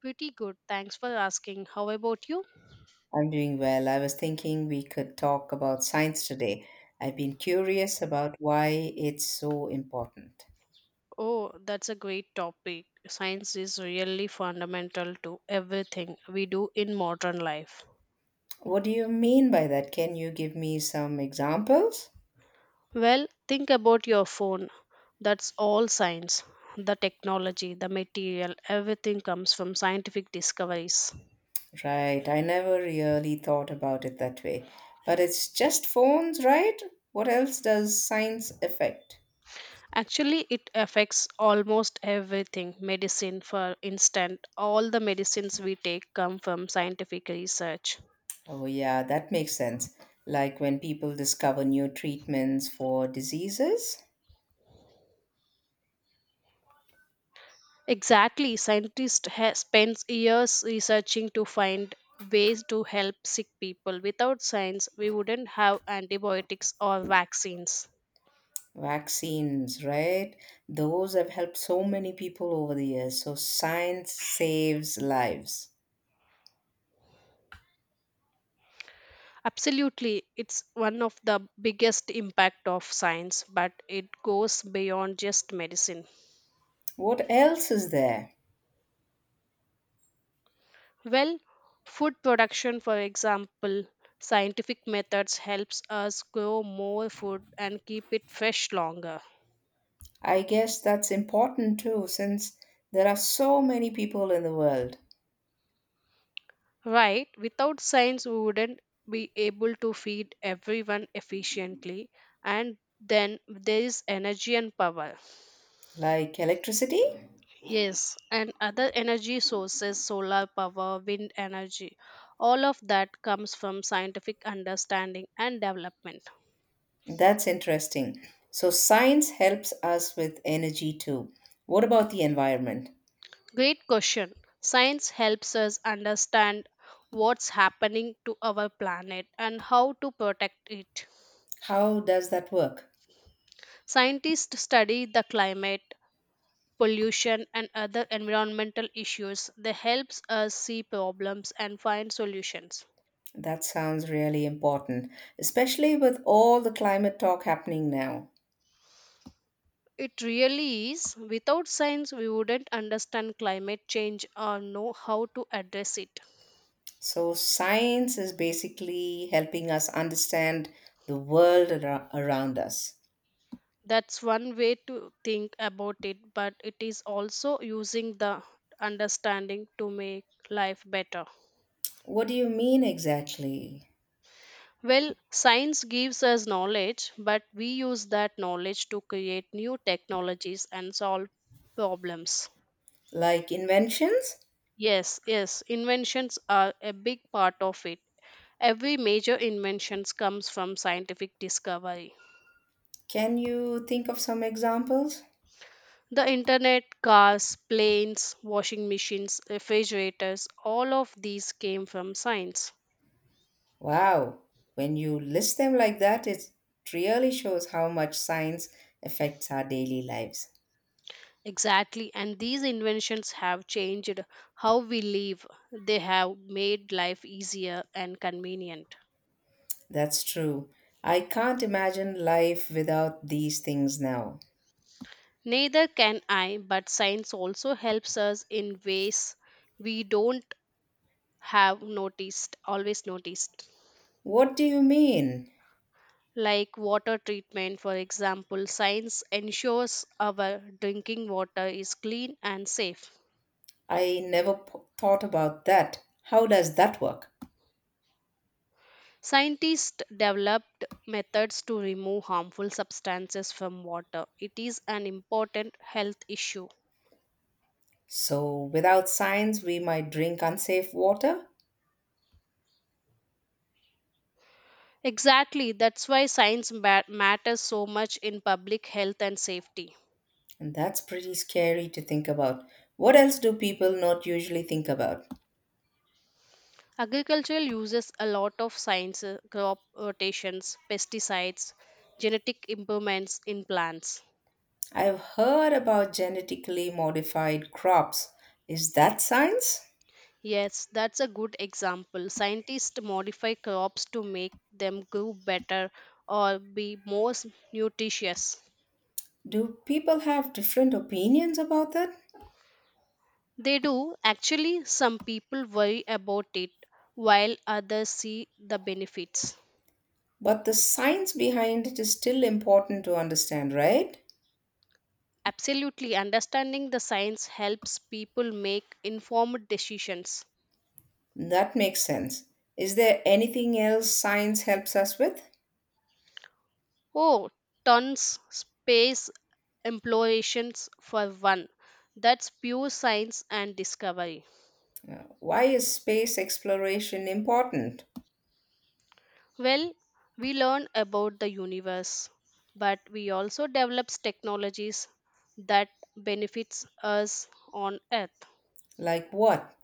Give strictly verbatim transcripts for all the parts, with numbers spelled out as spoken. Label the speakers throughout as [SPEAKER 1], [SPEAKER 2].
[SPEAKER 1] Pretty good. Thanks for asking. How about you?
[SPEAKER 2] I'm doing well. I was thinking we could talk about science today. I've been curious about why it's so important.
[SPEAKER 1] Oh, that's a great topic. Science is really fundamental to everything we do in modern life.
[SPEAKER 2] What do you mean by that? Can you give me some examples?
[SPEAKER 1] Well, think about your phone. That's all science. The technology, the material, everything comes from scientific discoveries.
[SPEAKER 2] Right, I never really thought about it that way. But it's just phones, right? What else does science affect?
[SPEAKER 1] Actually, it affects almost everything. Medicine, for instance, all the medicines we take come from scientific research.
[SPEAKER 2] Oh, yeah, that makes sense. Like when people discover new treatments for diseases.
[SPEAKER 1] Exactly. Scientists ha- spend years researching to find ways to help sick people. Without science, we wouldn't have antibiotics or vaccines.
[SPEAKER 2] Vaccines, right? Those have helped so many people over the years. So science saves lives.
[SPEAKER 1] Absolutely, it's one of the biggest impact of science, but it goes beyond just medicine.
[SPEAKER 2] What else is there?
[SPEAKER 1] Well, food production, for example, scientific methods helps us grow more food and keep it fresh longer.
[SPEAKER 2] I guess that's important too, since there are so many people in the world.
[SPEAKER 1] Right, without science, we wouldn't be able to feed everyone efficiently, and then there is energy and power.
[SPEAKER 2] Like electricity?
[SPEAKER 1] Yes, and other energy sources, solar power, wind energy, all of that comes from scientific understanding and development.
[SPEAKER 2] That's interesting. So science helps us with energy too. What about the environment?
[SPEAKER 1] Great question. Science helps us understand what's happening to our planet and how to protect it.
[SPEAKER 2] How does that work?
[SPEAKER 1] Scientists study the climate, pollution and other environmental issues, they helps us see problems and find solutions.
[SPEAKER 2] That sounds really important, especially with all the climate talk happening now.
[SPEAKER 1] It really is. Without science we wouldn't understand climate change or know how to address it.
[SPEAKER 2] So, science is basically helping us understand the world ar- around us.
[SPEAKER 1] That's one way to think about it, but it is also using the understanding to make life better.
[SPEAKER 2] What do you mean exactly?
[SPEAKER 1] Well, science gives us knowledge, but we use that knowledge to create new technologies and solve problems.
[SPEAKER 2] Like inventions?
[SPEAKER 1] Yes, yes, inventions are a big part of it. Every major invention comes from scientific discovery.
[SPEAKER 2] Can you think of some examples?
[SPEAKER 1] The internet, cars, planes, washing machines, refrigerators, all of these came from science.
[SPEAKER 2] Wow, when you list them like that, it really shows how much science affects our daily lives.
[SPEAKER 1] Exactly, and these inventions have changed how we live. They have made life easier and convenient.
[SPEAKER 2] That's true. I can't imagine life without these things now.
[SPEAKER 1] Neither can I, but science also helps us in ways we don't have noticed, always noticed.
[SPEAKER 2] What do you mean?
[SPEAKER 1] Like water treatment, for example, science ensures our drinking water is clean and safe.
[SPEAKER 2] I never p- thought about that. How does that work?
[SPEAKER 1] Scientists developed methods to remove harmful substances from water. It is an important health issue.
[SPEAKER 2] So, without science, we might drink unsafe water,
[SPEAKER 1] Exactly, that's why science ma- matters so much in public health and safety.
[SPEAKER 2] and that's pretty scary to think about. What else do people not usually think about?
[SPEAKER 1] Agriculture uses a lot of science, uh, crop rotations, pesticides, genetic improvements in plants.
[SPEAKER 2] I've heard about genetically modified crops. Is that science?
[SPEAKER 1] Yes, that's a good example. Scientists modify crops to make them grow better or be more s- nutritious.
[SPEAKER 2] Do people have different opinions about that?
[SPEAKER 1] They do. Actually, some people worry about it while others see the benefits.
[SPEAKER 2] But the science behind it is still important to understand, right?
[SPEAKER 1] Absolutely, understanding the science helps people make informed decisions.
[SPEAKER 2] That makes sense. Is there anything else science helps us with?
[SPEAKER 1] Oh, tons. Space explorations for one. That's pure science and discovery.
[SPEAKER 2] Uh, Why is space exploration important?
[SPEAKER 1] Well, we learn about the universe, but we also develops technologies that benefits us on earth.
[SPEAKER 2] Like what?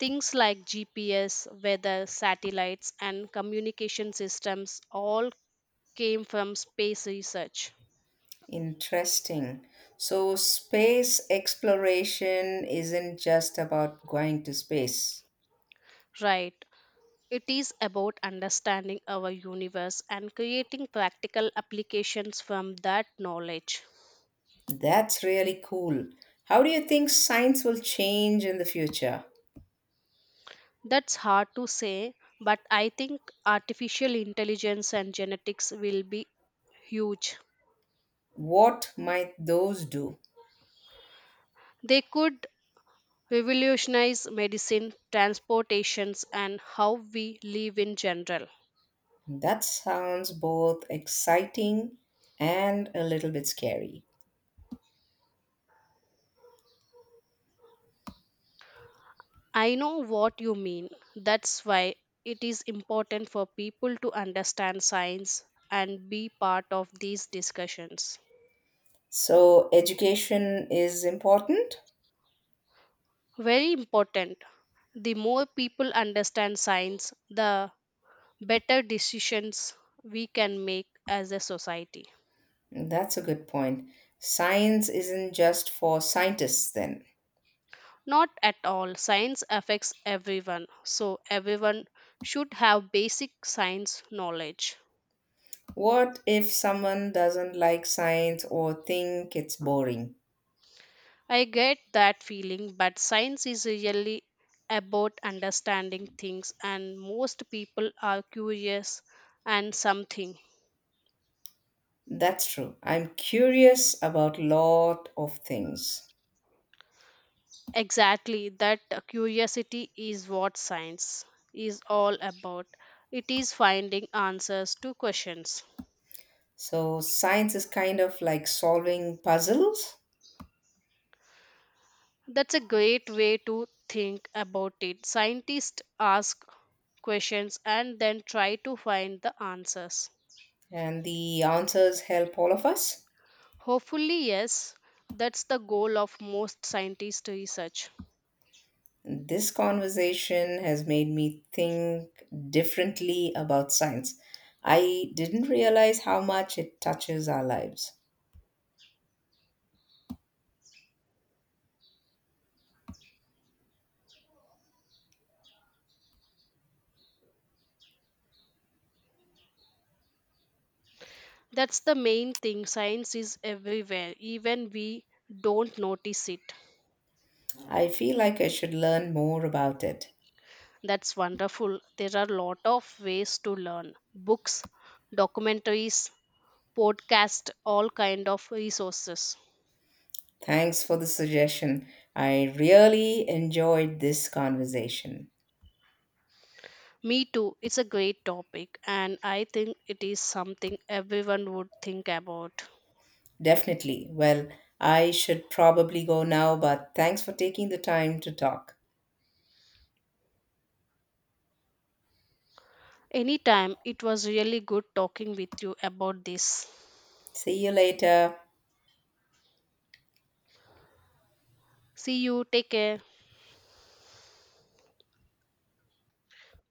[SPEAKER 1] Things like G P S, weather, satellites and communication systems all came from space research.
[SPEAKER 2] Interesting. So, space exploration isn't just about going to space.
[SPEAKER 1] Right. It is about understanding our universe and creating practical applications from that knowledge.
[SPEAKER 2] That's really cool. How do you think science will change in the future?
[SPEAKER 1] That's hard to say, but I think artificial intelligence and genetics will be huge.
[SPEAKER 2] What might those do?
[SPEAKER 1] They could revolutionize medicine, transportations, and how we live in general.
[SPEAKER 2] That sounds both exciting and a little bit scary.
[SPEAKER 1] I know what you mean. That's why it is important for people to understand science and be part of these discussions.
[SPEAKER 2] So, education is important?
[SPEAKER 1] Very important. The more people understand science, the better decisions we can make as a society.
[SPEAKER 2] That's a good point. Science isn't just for scientists, then.
[SPEAKER 1] Not at all. Science affects everyone, so everyone should have basic science knowledge.
[SPEAKER 2] What if someone doesn't like science or think it's boring?
[SPEAKER 1] I get that feeling, but science is really about understanding things, and most people are curious and something.
[SPEAKER 2] That's true. I'm curious about lot of things.
[SPEAKER 1] Exactly, that curiosity is what science is all about. It is finding answers to questions.
[SPEAKER 2] So science is kind of like solving puzzles,
[SPEAKER 1] That's a great way to think about it. Scientists ask questions and then try to find the answers.
[SPEAKER 2] and the answers help all of us.
[SPEAKER 1] Hopefully, yes, that's the goal of most scientist research.
[SPEAKER 2] This conversation has made me think differently about science. I didn't realize how much it touches our lives.
[SPEAKER 1] That's the main thing. Science is everywhere, even we don't notice it.
[SPEAKER 2] I feel like I should learn more about it.
[SPEAKER 1] That's wonderful. There are a lot of ways to learn. Books, documentaries, podcast, all kind of resources.
[SPEAKER 2] Thanks for the suggestion. I really enjoyed this conversation.
[SPEAKER 1] Me too. It's a great topic, and I think it is something everyone would think about.
[SPEAKER 2] Definitely. Well, I should probably go now, but thanks for taking the time to talk.
[SPEAKER 1] Anytime, it was really good talking with you about this.
[SPEAKER 2] See you later.
[SPEAKER 1] See you. Take care.